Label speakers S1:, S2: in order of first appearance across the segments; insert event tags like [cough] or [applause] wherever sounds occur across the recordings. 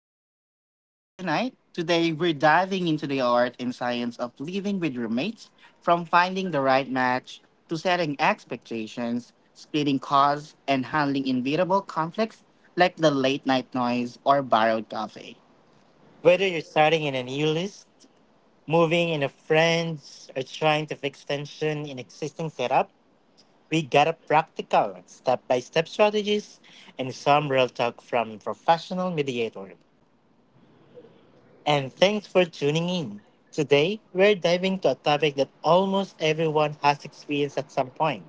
S1: And I'm your co-host for tonight. Today, we're diving into the art and science of living with roommates, from finding the right match to setting expectations, splitting costs, and handling inevitable conflicts like the late night noise or borrowed coffee. Whether you're starting in a new list, moving in a friends, or trying to fix tension in existing setup, we got a practical step-by-step strategies and some real talk from professional mediator. And thanks for tuning in. Today, we're diving to a topic that almost everyone has experienced at some point.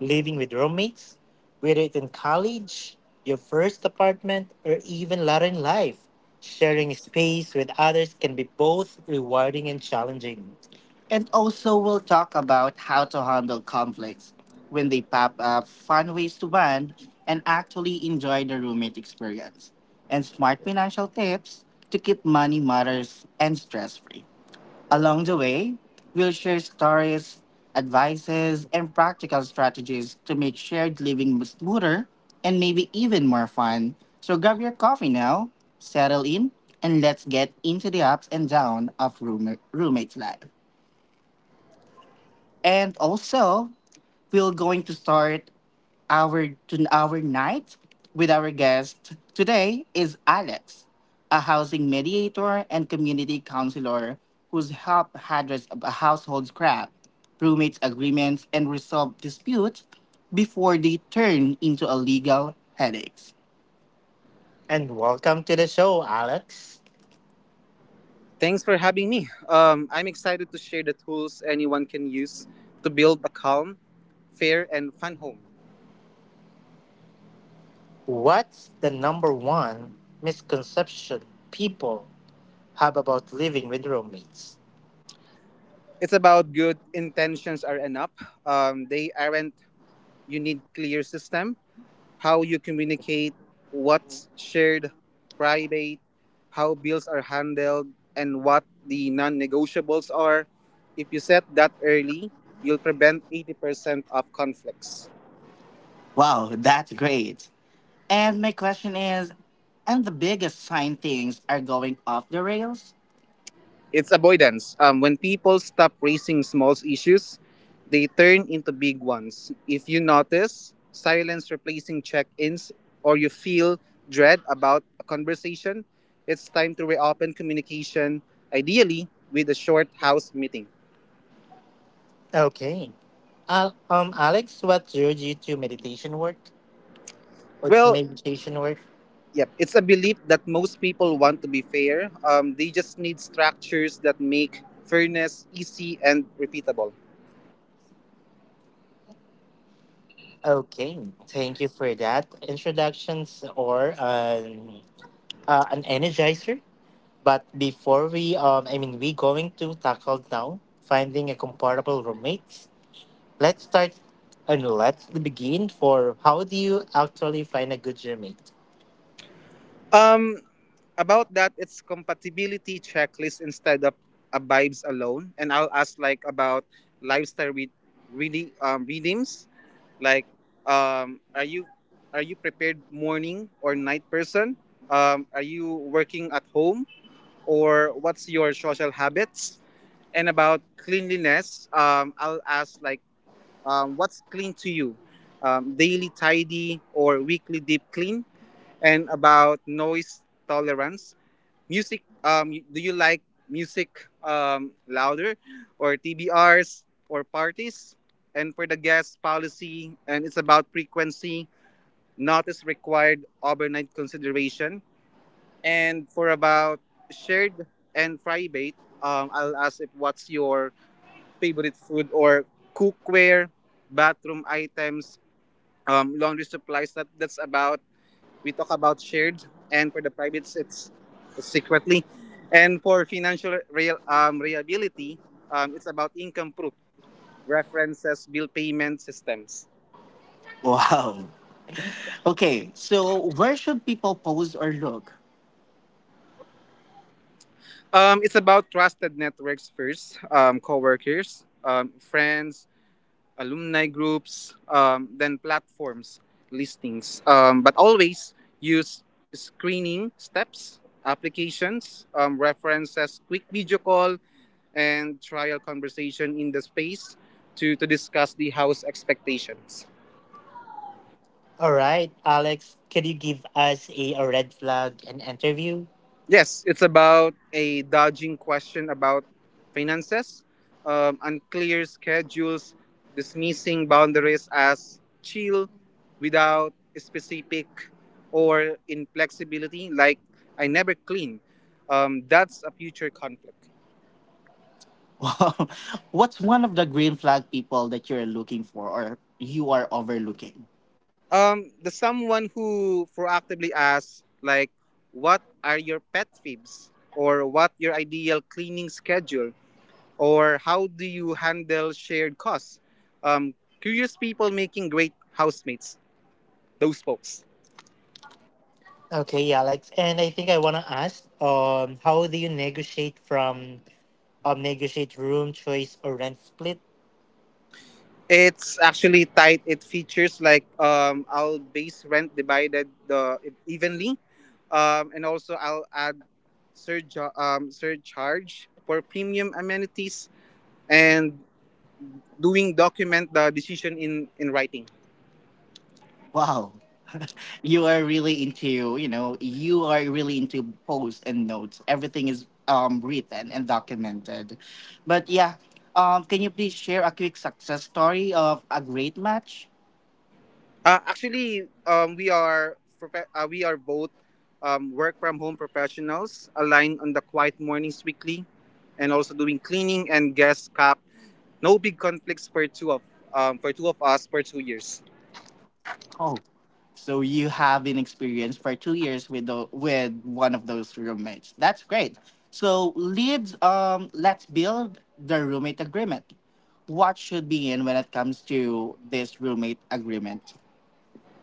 S1: Living with roommates, whether it's in college, your first apartment, or even later in life, sharing space with others can be both rewarding and challenging. And also, we'll talk about how to handle conflicts when they pop up, fun ways to bond, and actually enjoy the roommate experience, and smart financial tips to keep money matters and stress free. Along the way, we'll share stories, advices, and practical strategies to make shared living smoother and maybe even more fun. So grab your coffee now, settle in, and let's get into the ups and downs of roommate's life. And also, we're going to start our to our night with our guest today is Alex, a housing mediator and community counselor whose help address a household scrap, roommates agreements, and resolve disputes before they turn into a legal headaches. And welcome to the show, Alex.
S2: Thanks for having me. I'm excited to share the tools anyone can use to build a calm, fair, and fun home.
S1: What's the number one misconception people have about living with roommates?
S2: It's about good intentions are enough. They aren't. You need clear system, how you communicate, what's shared, private, how bills are handled, and what the non-negotiables are. If you set that early, you'll prevent 80% of conflicts.
S1: Wow, that's great. And my question is, and the biggest sign things are going off the rails?
S2: It's avoidance. When people stop raising small issues, they turn into big ones. If you notice silence replacing check ins or you feel dread about a conversation, it's time to reopen communication, ideally with a short house meeting.
S1: Okay. Alex, what drew you to meditation work? What's
S2: Well,
S1: meditation work?
S2: yep, it's a belief that most people want to be fair. They just need structures that make fairness easy and repeatable.
S1: Okay, thank you for that introductions or an energizer. But before we, I mean, we going to tackle now finding a compatible roommates. Let's start and let's begin for how do you actually find a good roommate?
S2: Um, about that, it's compatibility checklist instead of a vibes alone. And I'll ask like about lifestyle really readings. Like, um, are you are you prepared morning or night person? Are you working at home or what's your social habits? And about cleanliness, I'll ask like what's clean to you, daily tidy or weekly deep clean. And about noise tolerance music do you like music louder or tbrs or parties, and for the guest policy and it's about frequency, not is required overnight consideration. And for about shared and private, I'll ask if what's your favorite food or cookware, bathroom items, laundry supplies. That's about we talk about shared, and for the privates, it's secretly. And for financial real reliability, it's about income proof, references, bill payment systems.
S1: Wow. Okay, so where should people pose or look?
S2: It's about trusted networks first, coworkers, friends, alumni groups, then platforms, listings. But always use screening steps, applications, references, quick video call, and trial conversation in the space to discuss the house expectations.
S1: All right, Alex, can you give us a red flag and interview?
S2: Yes, it's about a dodging question about finances, unclear schedules, dismissing boundaries as chill without specific, or inflexibility, like I never clean. That's a future conflict.
S1: Wow. [laughs] What's one of the green flag people that you're looking for or you are overlooking?
S2: The someone who proactively asks, like, what are your pet peeves, or what your ideal cleaning schedule, or how do you handle shared costs? Um, Curious people making great housemates. Those folks.
S1: Okay, Alex, and I think I want to ask, how do you negotiate from negotiate room choice or rent split?
S2: It's actually tight. It features like I'll base rent divided evenly, and also I'll add surge surcharge for premium amenities, and doing document the decision in writing.
S1: Wow. [laughs] You are really into, you know, you are really into posts and notes. Everything is written and documented. But yeah, can you please share a quick success story of a great match?
S2: Actually, we are both work from home professionals aligned on the quiet mornings weekly, and also doing cleaning and guest cap. No big conflicts for two of us for 2 years.
S1: Oh. So you have been experienced for 2 years with with one of those roommates. That's great. So leads let's build the roommate agreement. What should be in when it comes to this roommate agreement?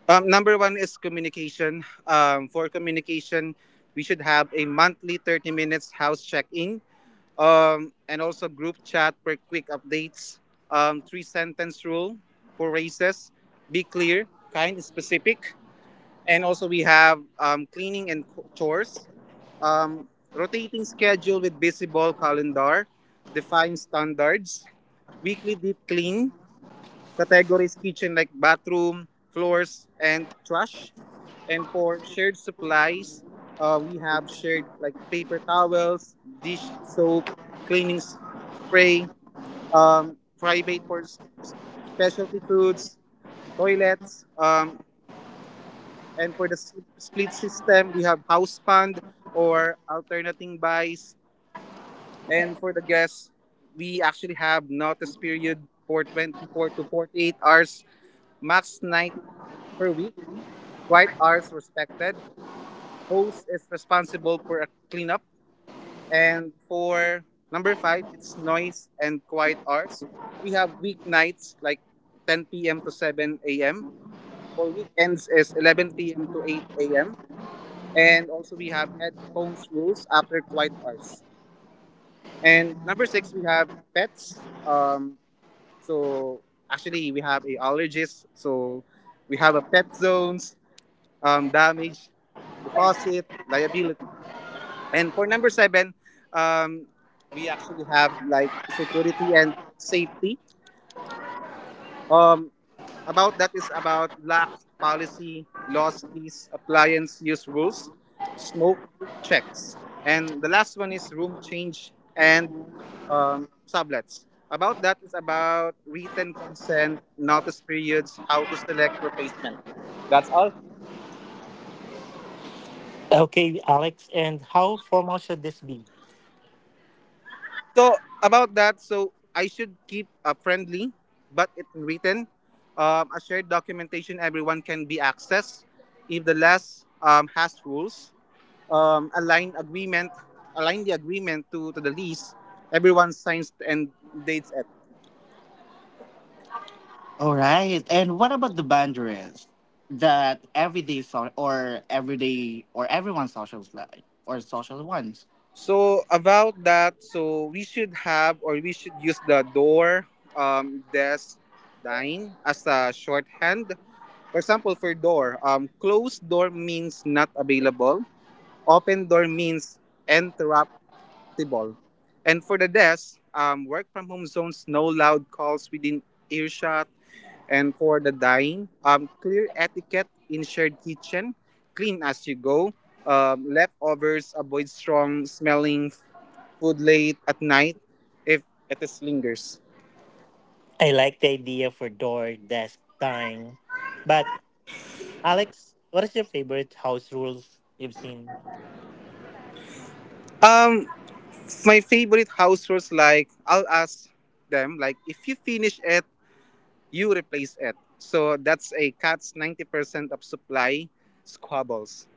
S2: Number one is communication. For communication, we should have a monthly 30 minutes house check in, and also group chat for quick updates. Three sentence rule for races. Be clear, kind, specific. And also we have cleaning and chores. Um, Rotating schedule with visible calendar. Define standards. Weekly deep clean categories kitchen like bathroom, floors, and trash. And for shared supplies, we have shared like paper towels, dish soap, cleaning s- spray, private for specialty foods, toilets. And for the split system, we have house fund or alternating buys. And for the guests, we actually have notice period for 24 to 48 hours, max night per week. Quiet hours respected. Host is responsible for a cleanup. And for number five, it's noise and quiet hours. We have weeknights like 10 p.m. to 7 a.m. For weekends is 11 p.m. to 8 a.m. And also we have headphones rules after quiet hours. And number six, we have pets. Um, so actually we have a allergist. So we have a pet zones, damage, deposit, liability. And for number seven, um, we actually have like security and safety. Um, about that is about lack, policy, loss, keys, appliance, use rules, smoke, checks. And the last one is room change and sublets. About that is about written consent, notice periods, how to select replacement. That's all.
S1: Okay, Alex, and how formal should this be?
S2: So about that, so I should keep a friendly, but it written, a shared documentation everyone can be accessed. If the last has rules, um, align agreement, align the agreement to the lease. Everyone signs and dates it.
S1: All right. And what about the boundaries that everyday so- or everyday or everyone's social life or social ones?
S2: So about that, so we should have or we should use the door, desk, dine as a shorthand. For example, for door, closed door means not available. Open door means interruptible. And for the desk, work from home zones, no loud calls within earshot. And for the dining, clear etiquette in shared kitchen, clean as you go. Leftovers, avoid strong smelling food late at night if it is lingers.
S1: I like the idea for door, desk, time. But Alex, what is your favorite house rules you've seen?
S2: Um, my favorite house rules like I'll ask them like, if you finish it you replace it. So that's a cat's 90% of supply squabbles.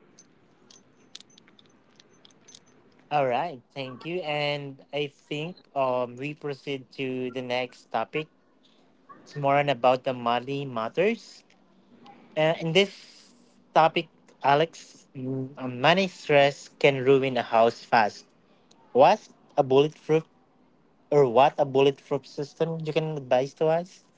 S1: All right, thank you. And I think we proceed to the next topic. It's more on about the money matters. In this topic, Alex, money stress can ruin a house fast. What's a bulletproof or what a bulletproof system you can advise to us?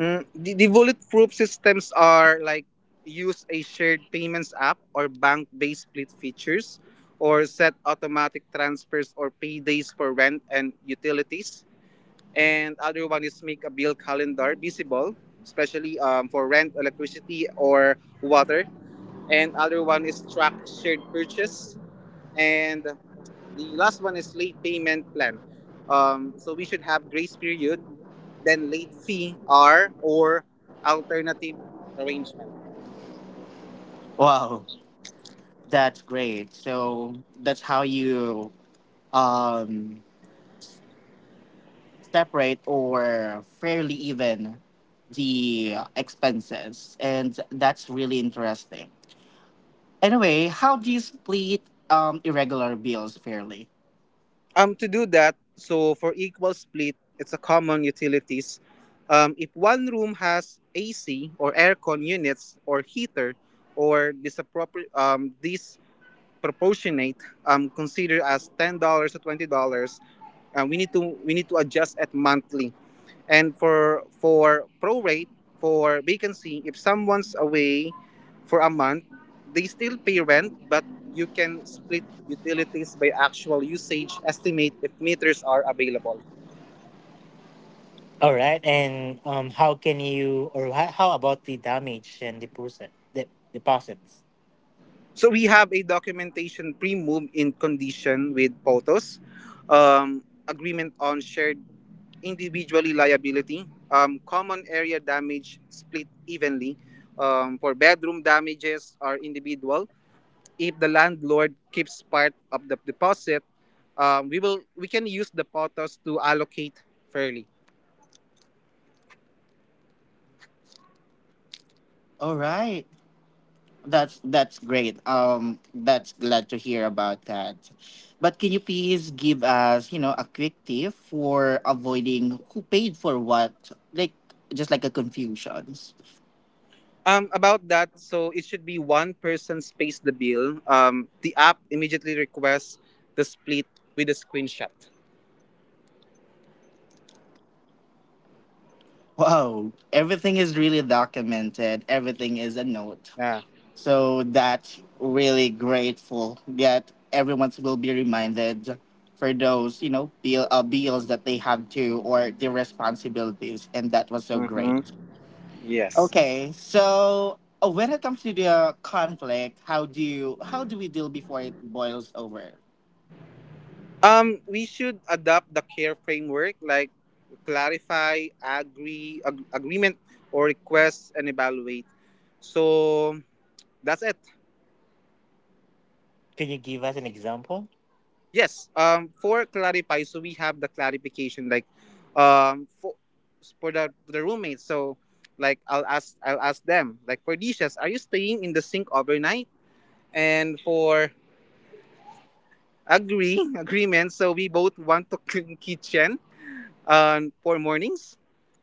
S2: Mm, the bulletproof systems are like use a shared payments app or bank based split features, or set automatic transfers or paydays for rent and utilities. And other one is make a bill calendar visible, especially for rent, electricity, or water. And other one is track shared purchase. And the last one is late payment plan. So we should have grace period, then late fee or alternative arrangement.
S1: Wow, that's great. So that's how you um, separate or fairly even the expenses, and that's really interesting. Anyway, how do you split irregular bills fairly?
S2: To do that, so for equal split, it's a common utilities. If one room has AC or aircon units or heater or disproportionate, consider as $10 or $20. We need to we need to adjust it monthly. And for prorate for vacancy, if someone's away for a month, they still pay rent, but you can split utilities by actual usage estimate if meters are available.
S1: All right, and how can you, or how about the damage and deposit, the deposits?
S2: So we have a documentation pre-move in condition with POTOS, agreement on shared individually liability, common area damage split evenly. For bedroom damages are individual. If the landlord keeps part of the deposit, we can use the potos to allocate fairly.
S1: All right. That's great. That's glad to hear about that. But can you please give us, you know, a quick tip for avoiding who paid for what? Like just like a confusions.
S2: About that, so it should be one person pays the bill. The app immediately requests the split with a screenshot.
S1: Wow. Everything is really documented. Everything is a note.
S2: Yeah.
S1: So that's really grateful that everyone will be reminded know bill, bills that they have to or their responsibilities and that was so great.
S2: Mm-hmm. Yes.
S1: Okay, so when it comes to the conflict how do you how do we deal before it boils over?
S2: We should adopt the care framework like clarify, agreement, or request and evaluate. So that's it.
S1: Can you give us an example?
S2: Yes. For clarify, so we have the clarification like, um, for for the roommates. So, like, I'll ask them like for dishes, are you staying in the sink overnight? And for agree [laughs] agreement, so we both want to clean [laughs] kitchen for mornings.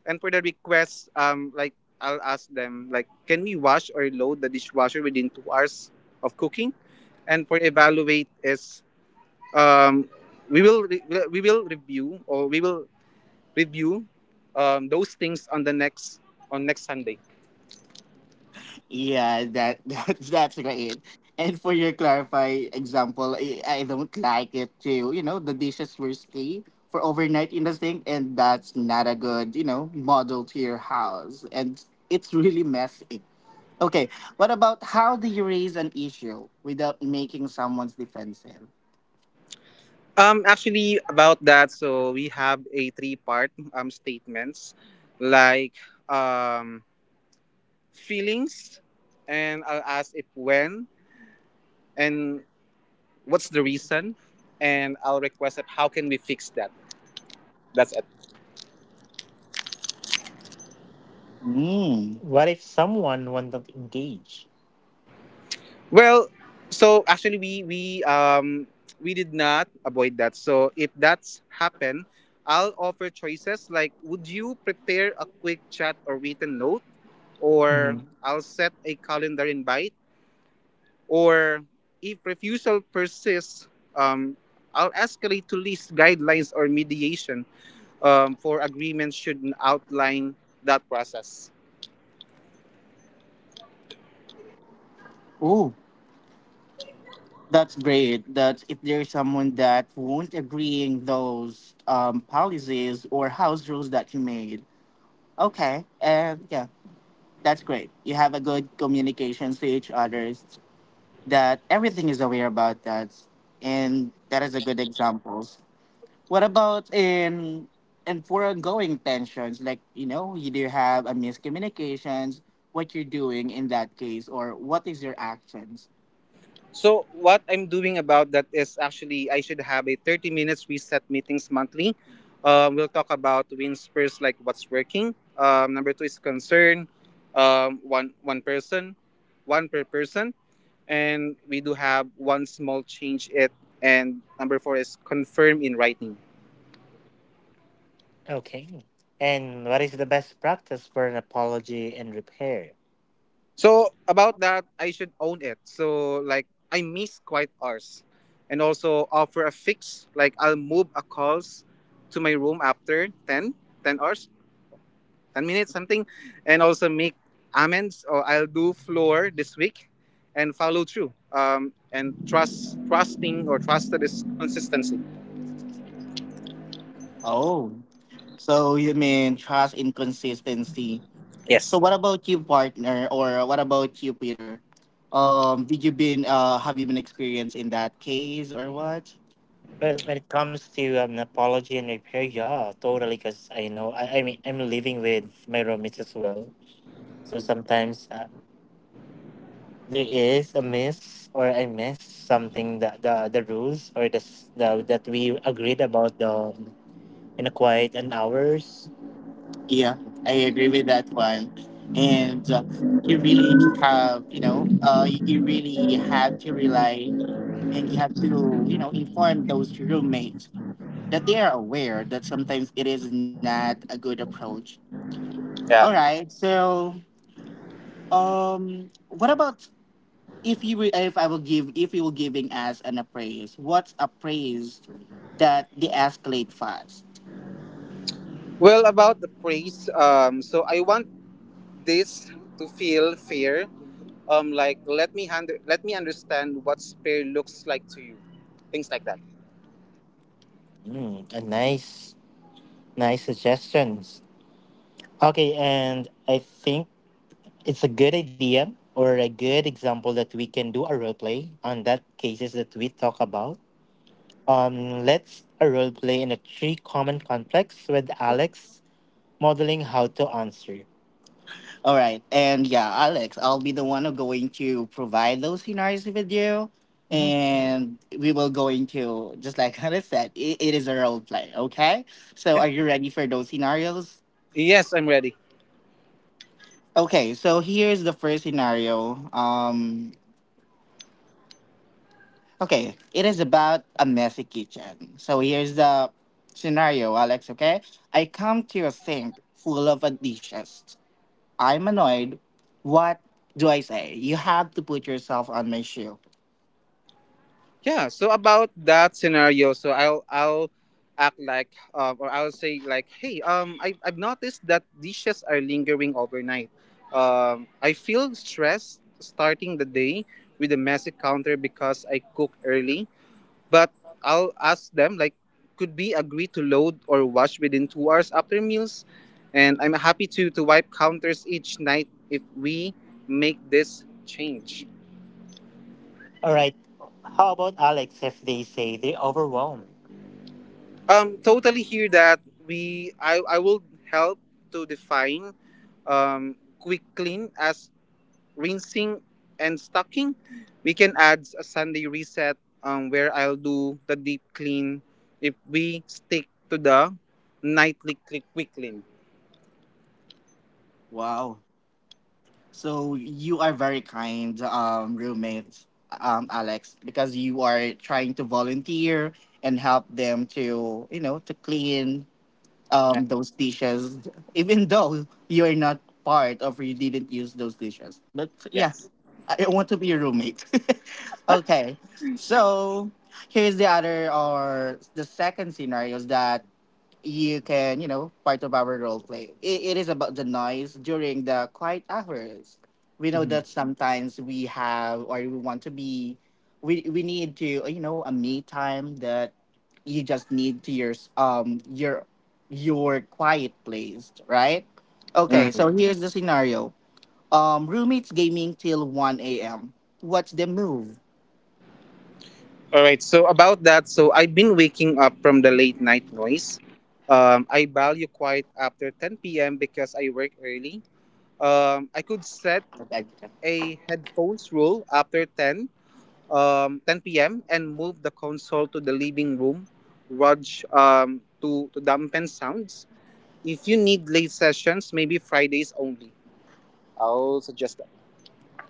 S2: And for the request, like I'll ask them like, can we wash or load the dishwasher within 2 hours of cooking? And for evaluate is um, we will re- we will review review those things on the next Sunday.
S1: Yeah, that, [laughs] that's great. And for your clarify example I don't like it to you know the dishes were sticky for overnight in the sink and that's not a good you know model to your house and it's really messy. Okay, what about how do you raise an issue without making someone's defensive?
S2: Actually, about that, so we have a three part statements like um, feelings, and I'll ask if when and what's the reason, and I'll request if how can we fix that. That's it.
S1: Mm. What if someone won't engage?
S2: Well, so actually we did not avoid that. So if that's happened, I'll offer choices like, would you prepare a quick chat or written note, or
S1: Mhm.
S2: I'll set a calendar invite, or if refusal persists, I'll escalate to list guidelines or mediation, for agreements should outline that process.
S1: Oh, that's great. That if there's someone that won't agreeing those policies or house rules that you made. Okay, and yeah, that's great. You have a good communications to each others that everything is aware about that, and that is a good examples. What about in and for ongoing tensions, like you know, you do have a miscommunications, what you're doing in that case, or what is your actions?
S2: So what I'm doing about that is actually I should have a 30 minutes reset meetings monthly. We'll talk about win spurs like what's working. Number two is concern. One person, one per person, and we do have one small change it. And number four is confirm in writing.
S1: Okay. And what is the best practice for an apology and repair?
S2: So about that, I should own it. So like I miss quiet hours, and also offer a fix. Like I'll move a calls to my room after 10 hours, 10 minutes something, and also make amends or I'll do floor this week, and follow through. And trust trusting or trusted is consistency.
S1: Oh, so you mean trust inconsistency. So
S2: Yes.
S1: what about you, partner, or what about you, Peter? Did you been Have you been experienced in that case or what? Well, when it comes to apology and repair, yeah, totally. Because I know, I mean, I'm living with my roommates as well. So sometimes there is a miss or I miss something that the rules or the that we agreed about the in a quiet and hours. Yeah, I agree with that one. And you really to have, you know, you really have to rely and you have to, you know, inform those roommates that they are aware that sometimes it is not a good approach. All
S2: Yeah.
S1: right. So, what about if you were- if I will give if you were giving us an appraise, what's a praise that they escalate fast?
S2: Well, about the praise, so I want this to feel fair. Like let me understand what fair looks like to you, things like that.
S1: Mm, nice suggestions. Okay, and I think it's a good idea or a good example that we can do a role play on that cases that we talk about. Let's a role play in a three common conflicts with Alex modeling how to answer. All right, and yeah, Alex, I'll be the one who going to provide those scenarios with you,
S2: Hmm.
S1: and we will going to just like [laughs] Hannah said, it is a role play. Okay, so
S2: Yeah.
S1: are you ready for those scenarios?
S2: Yes, I'm ready.
S1: Okay, so here's the first scenario. Okay, it is about a messy kitchen. So here's the scenario, Alex. Okay, I come to a sink full of dishes. I'm annoyed, what do I say? You have to put yourself on my shoe.
S2: Yeah. So about that scenario, so I'll act like or I'll say like, hey, I've noticed that dishes are lingering overnight. I feel stressed starting the day with a messy counter because I cook early. But I'll ask them like, could we agree to load or wash within 2 hours after meals? And I'm happy to wipe counters each night if we make this change.
S1: All right. How about Alex if they say they're overwhelmed?
S2: Totally hear that. We I I will help to define quick clean as rinsing and stocking. We can add a Sunday reset where I'll do the deep clean if we stick to the nightly quick clean.
S1: Wow. So you are very kind, roommate, Alex, because you are trying to volunteer and help them to, you know, to clean
S2: Yeah.
S1: those dishes, even though you're not part of or you didn't use those dishes. But yeah,
S2: Yes.
S1: I want to be your roommate. [laughs] Okay. So here's the other or the second scenario is that you can, you know, part of our role play. It is about the noise during the quiet hours. We know that
S2: Mhm.
S1: sometimes we have or we want to be we need to you know a me time that you just need to your your quiet place, right? Okay, so
S2: Mhm.
S1: here's the scenario roommates gaming till 1 a.m. What's the move?
S2: All right. So about that, so I've been waking up from the late night noise. I value quiet after 10 p.m. because I work early. I could set a headphones rule after 10, 10 p.m. and move the console to the living room, Raj, to dampen sounds. If you need late sessions, maybe Fridays only. I'll suggest that.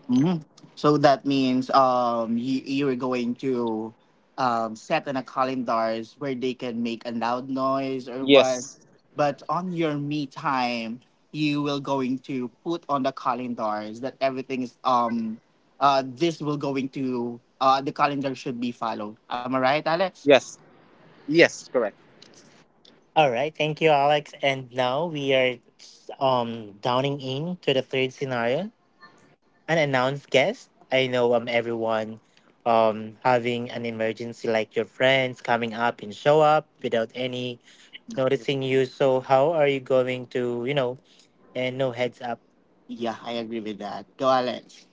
S1: Hmm. So that means you're going to set on a calendars where they can make a loud noise or what.
S2: Yes.
S1: But on your me time, you will going to put on the calendars that everything is this will going to the calendar should be followed. Am I right, Alex?
S2: Yes. Yes. Correct.
S1: All right, thank you, Alex. And now we are downing in to the third scenario, an announced guest. I know everyone having an emergency like your friends coming up and show up without any noticing you. So how are you going to, you know, and no heads up? Yeah, I agree with that. Go Alex.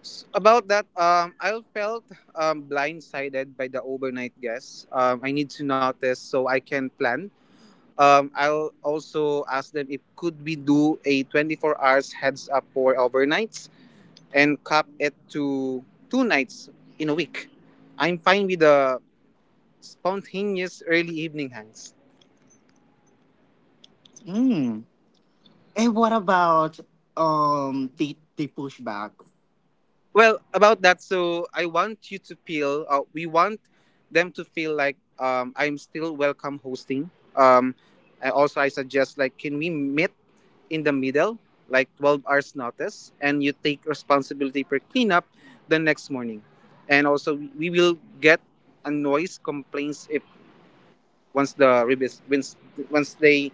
S2: About that, I felt blindsided by the overnight guests. I need to notice so I can plan. I'll also ask them if could we do a 24 hours heads up for overnights, and cap it to two nights in a week. I'm fine with the spontaneous early evening hangs.
S1: Mm. And what about the pushback?
S2: Well, about that, so I want you to feel, we want them to feel like I'm still welcome hosting. Um, I suggest like, can we meet in the middle, like 12 hours notice, and you take responsibility for cleanup the next morning. And also, we will get a noise complaints if once the revis- once, once they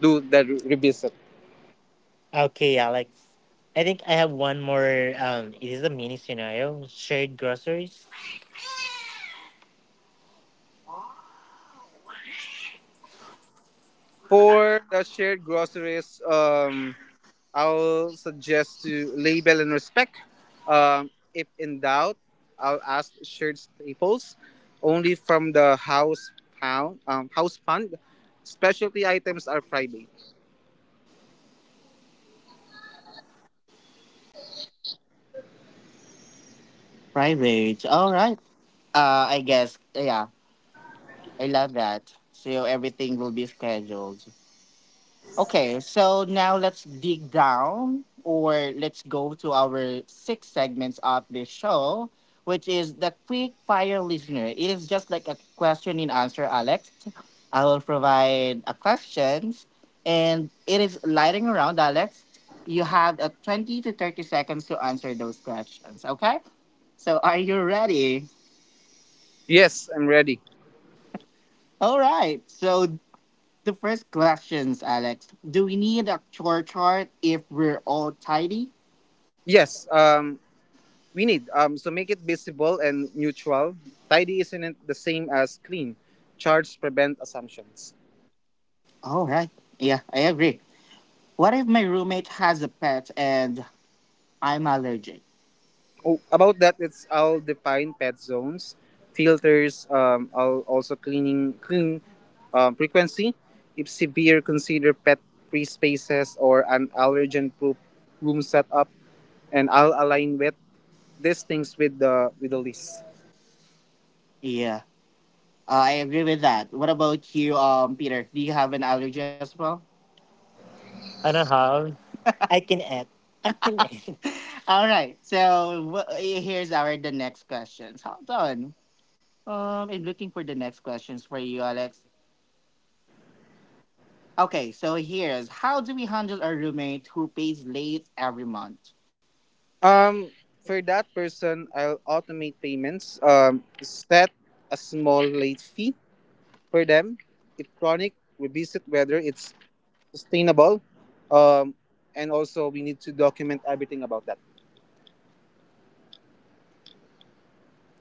S2: do the revisit.
S1: Okay, Alex. I think I have one more. It is a mini scenario. Shared groceries.
S2: For the shared groceries, I'll suggest to label and respect. If in doubt, I'll ask shared staples only from the house fund. Specialty items are private.
S1: Private. All right. I guess. Yeah, I love that. So everything will be scheduled. Okay, so now let's dig down or let's go to our six segments of this show, which is the quick fire listener. It is just like a question and answer, Alex. I will provide a questions and it is lighting around, Alex. You have a 20 to 30 seconds to answer those questions, okay? So are you ready?
S2: Yes, I'm ready.
S1: All right. So the first questions, Alex. Do we need a chore chart if we're all tidy?
S2: Yes, we need so make it visible and neutral. Tidy isn't the same as clean. Charts prevent assumptions.
S1: All right. Yeah, I agree. What if my roommate has a pet and I'm allergic?
S2: Oh, about that, it's I'll define pet zones, filters. I'll also clean frequency. If severe, consider pet free spaces or an allergen proof room setup, and I'll align with the list.
S1: Yeah, I agree with that. What about you, Peter? Do you have an allergy as well? I don't have. I can add. Can add. [laughs] All right. So wh- here's our the next questions. Hold on. I'm looking for the next questions for you, Alex. Okay. So here's how do we handle a roommate who pays late every month?
S2: Um, for that person, I'll automate payments. Set a small late fee for them. If chronic, we visit whether it's sustainable, um, and also we need to document everything about that.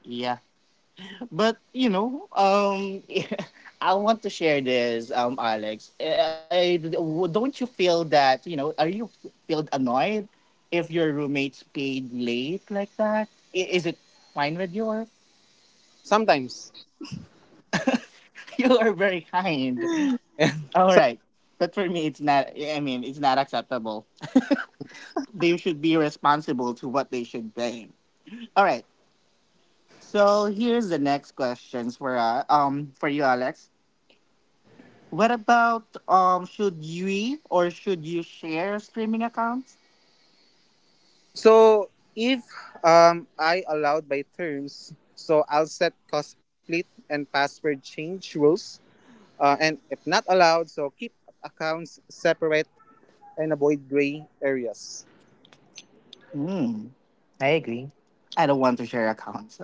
S1: Yeah. But [laughs] I want to share this, Alex. Don't you feel that? Are you feel annoyed if your roommates paid late like that? Is it fine with you? Or
S2: Sometimes,
S1: [laughs] you are very kind.
S2: [laughs]
S1: All
S2: so
S1: right, but for me, it's not. I mean, it's not acceptable. They should be responsible to what they should pay. All right. So here's the next questions for you, Alex. What about should we or should you share streaming accounts?
S2: so if I allowed by terms, so I'll set cost split and password change rules, and if not allowed, so keep accounts separate and avoid gray areas.
S1: Hmm. I agree. I don't want to share accounts.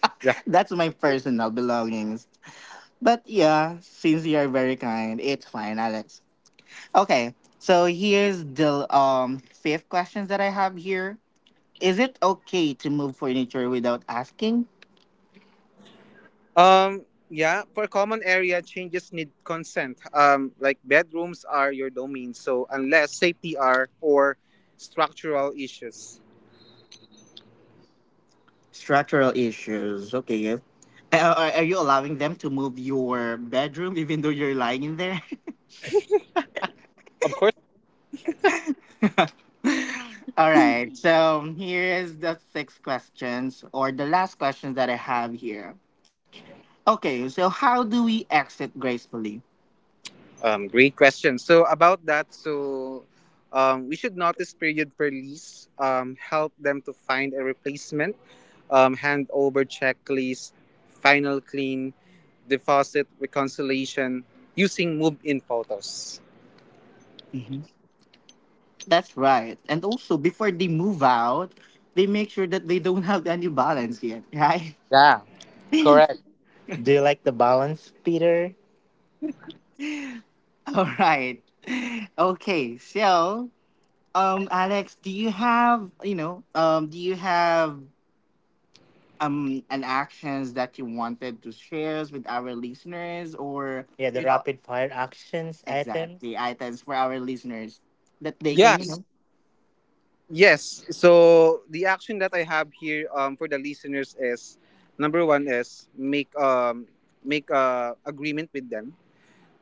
S1: [laughs] That's my personal belongings. But yeah, since you are very kind, it's fine, Alex. Okay, so here's the fifth questions that I have here. Is it okay to move furniture without asking?
S2: Um, yeah, for common area changes need consent. Like bedrooms are your domain, so unless safety are or structural issues.
S1: Structural issues. Okay. Are you allowing them to move your bedroom even though you're lying in there? [laughs]
S2: Of course.
S1: All right. So here is the six questions or the last questions that I have here. Okay. So how do we exit gracefully?
S2: Great question. So about that, so we should notice period per lease, help them to find a replacement, hand over checklist, final clean, deposit reconciliation using move-in photos.
S1: Mhm. That's right. And also before they move out, they make sure that they don't [laughs] have any balance yet, right?
S2: Yeah, correct.
S1: [laughs] Do you like the balance, Peter? All right. [laughs] Okay. So, Alex, do you have do you have and actions that you wanted to share with our listeners or Yeah, the rapid fire actions items for our listeners that they can
S2: Yes, yes. So the action that I have here for the listeners is number one is make a agreement with them,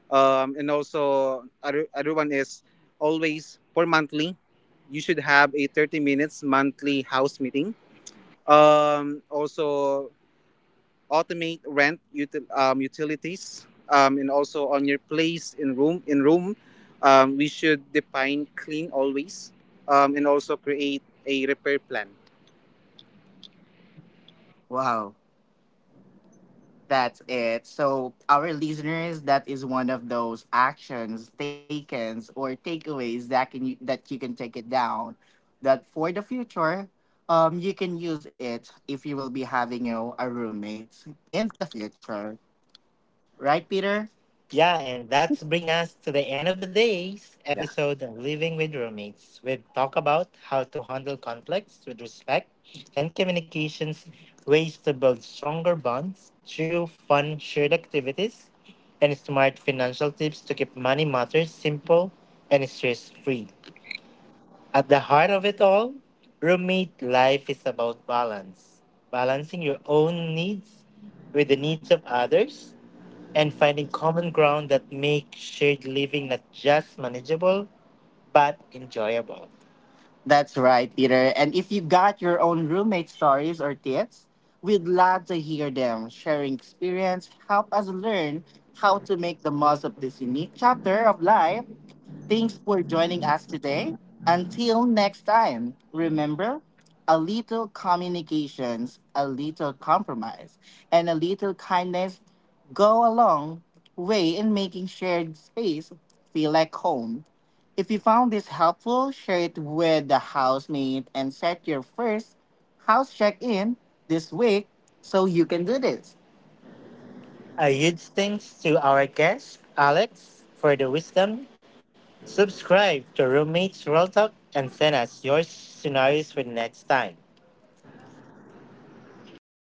S2: and also other one is always for monthly you should have a 30 minutes monthly house meeting, also automate rent utilities, and also on your place in room, we should define clean always, and also create a repair plan.
S1: wow, that's it. So our listeners, that is one of those actions takens or takeaways that can you that you can take it down that for the future. You can use it if you will be having a roommate in the future. Right, Peter? Yeah, and that's bring us to the end of the day's
S2: Yeah.
S1: episode of Living with Roommates. We've talked about how to handle conflicts with respect and communications, ways to build stronger bonds through fun shared activities, and smart financial tips to keep money matters simple and stress free. At the heart of it all, roommate life is about balance, balancing your own needs with the needs of others and finding common ground that make shared living not just manageable but enjoyable. That's right, Peter. And if you got your own roommate stories or tips, we'd love to hear them. Sharing experience help us learn how to make the most of this unique chapter of life. Thanks for joining us today. Until next time, remember a little communications, a little compromise, and a little kindness go a long way in making shared space feel like home. If you found this helpful, share it with the housemate and set your first house check in this week so you can do this. A huge thanks to our guest, Alex, for the wisdom. Subscribe to Roommates Roll Talk and send us your scenarios for the next time.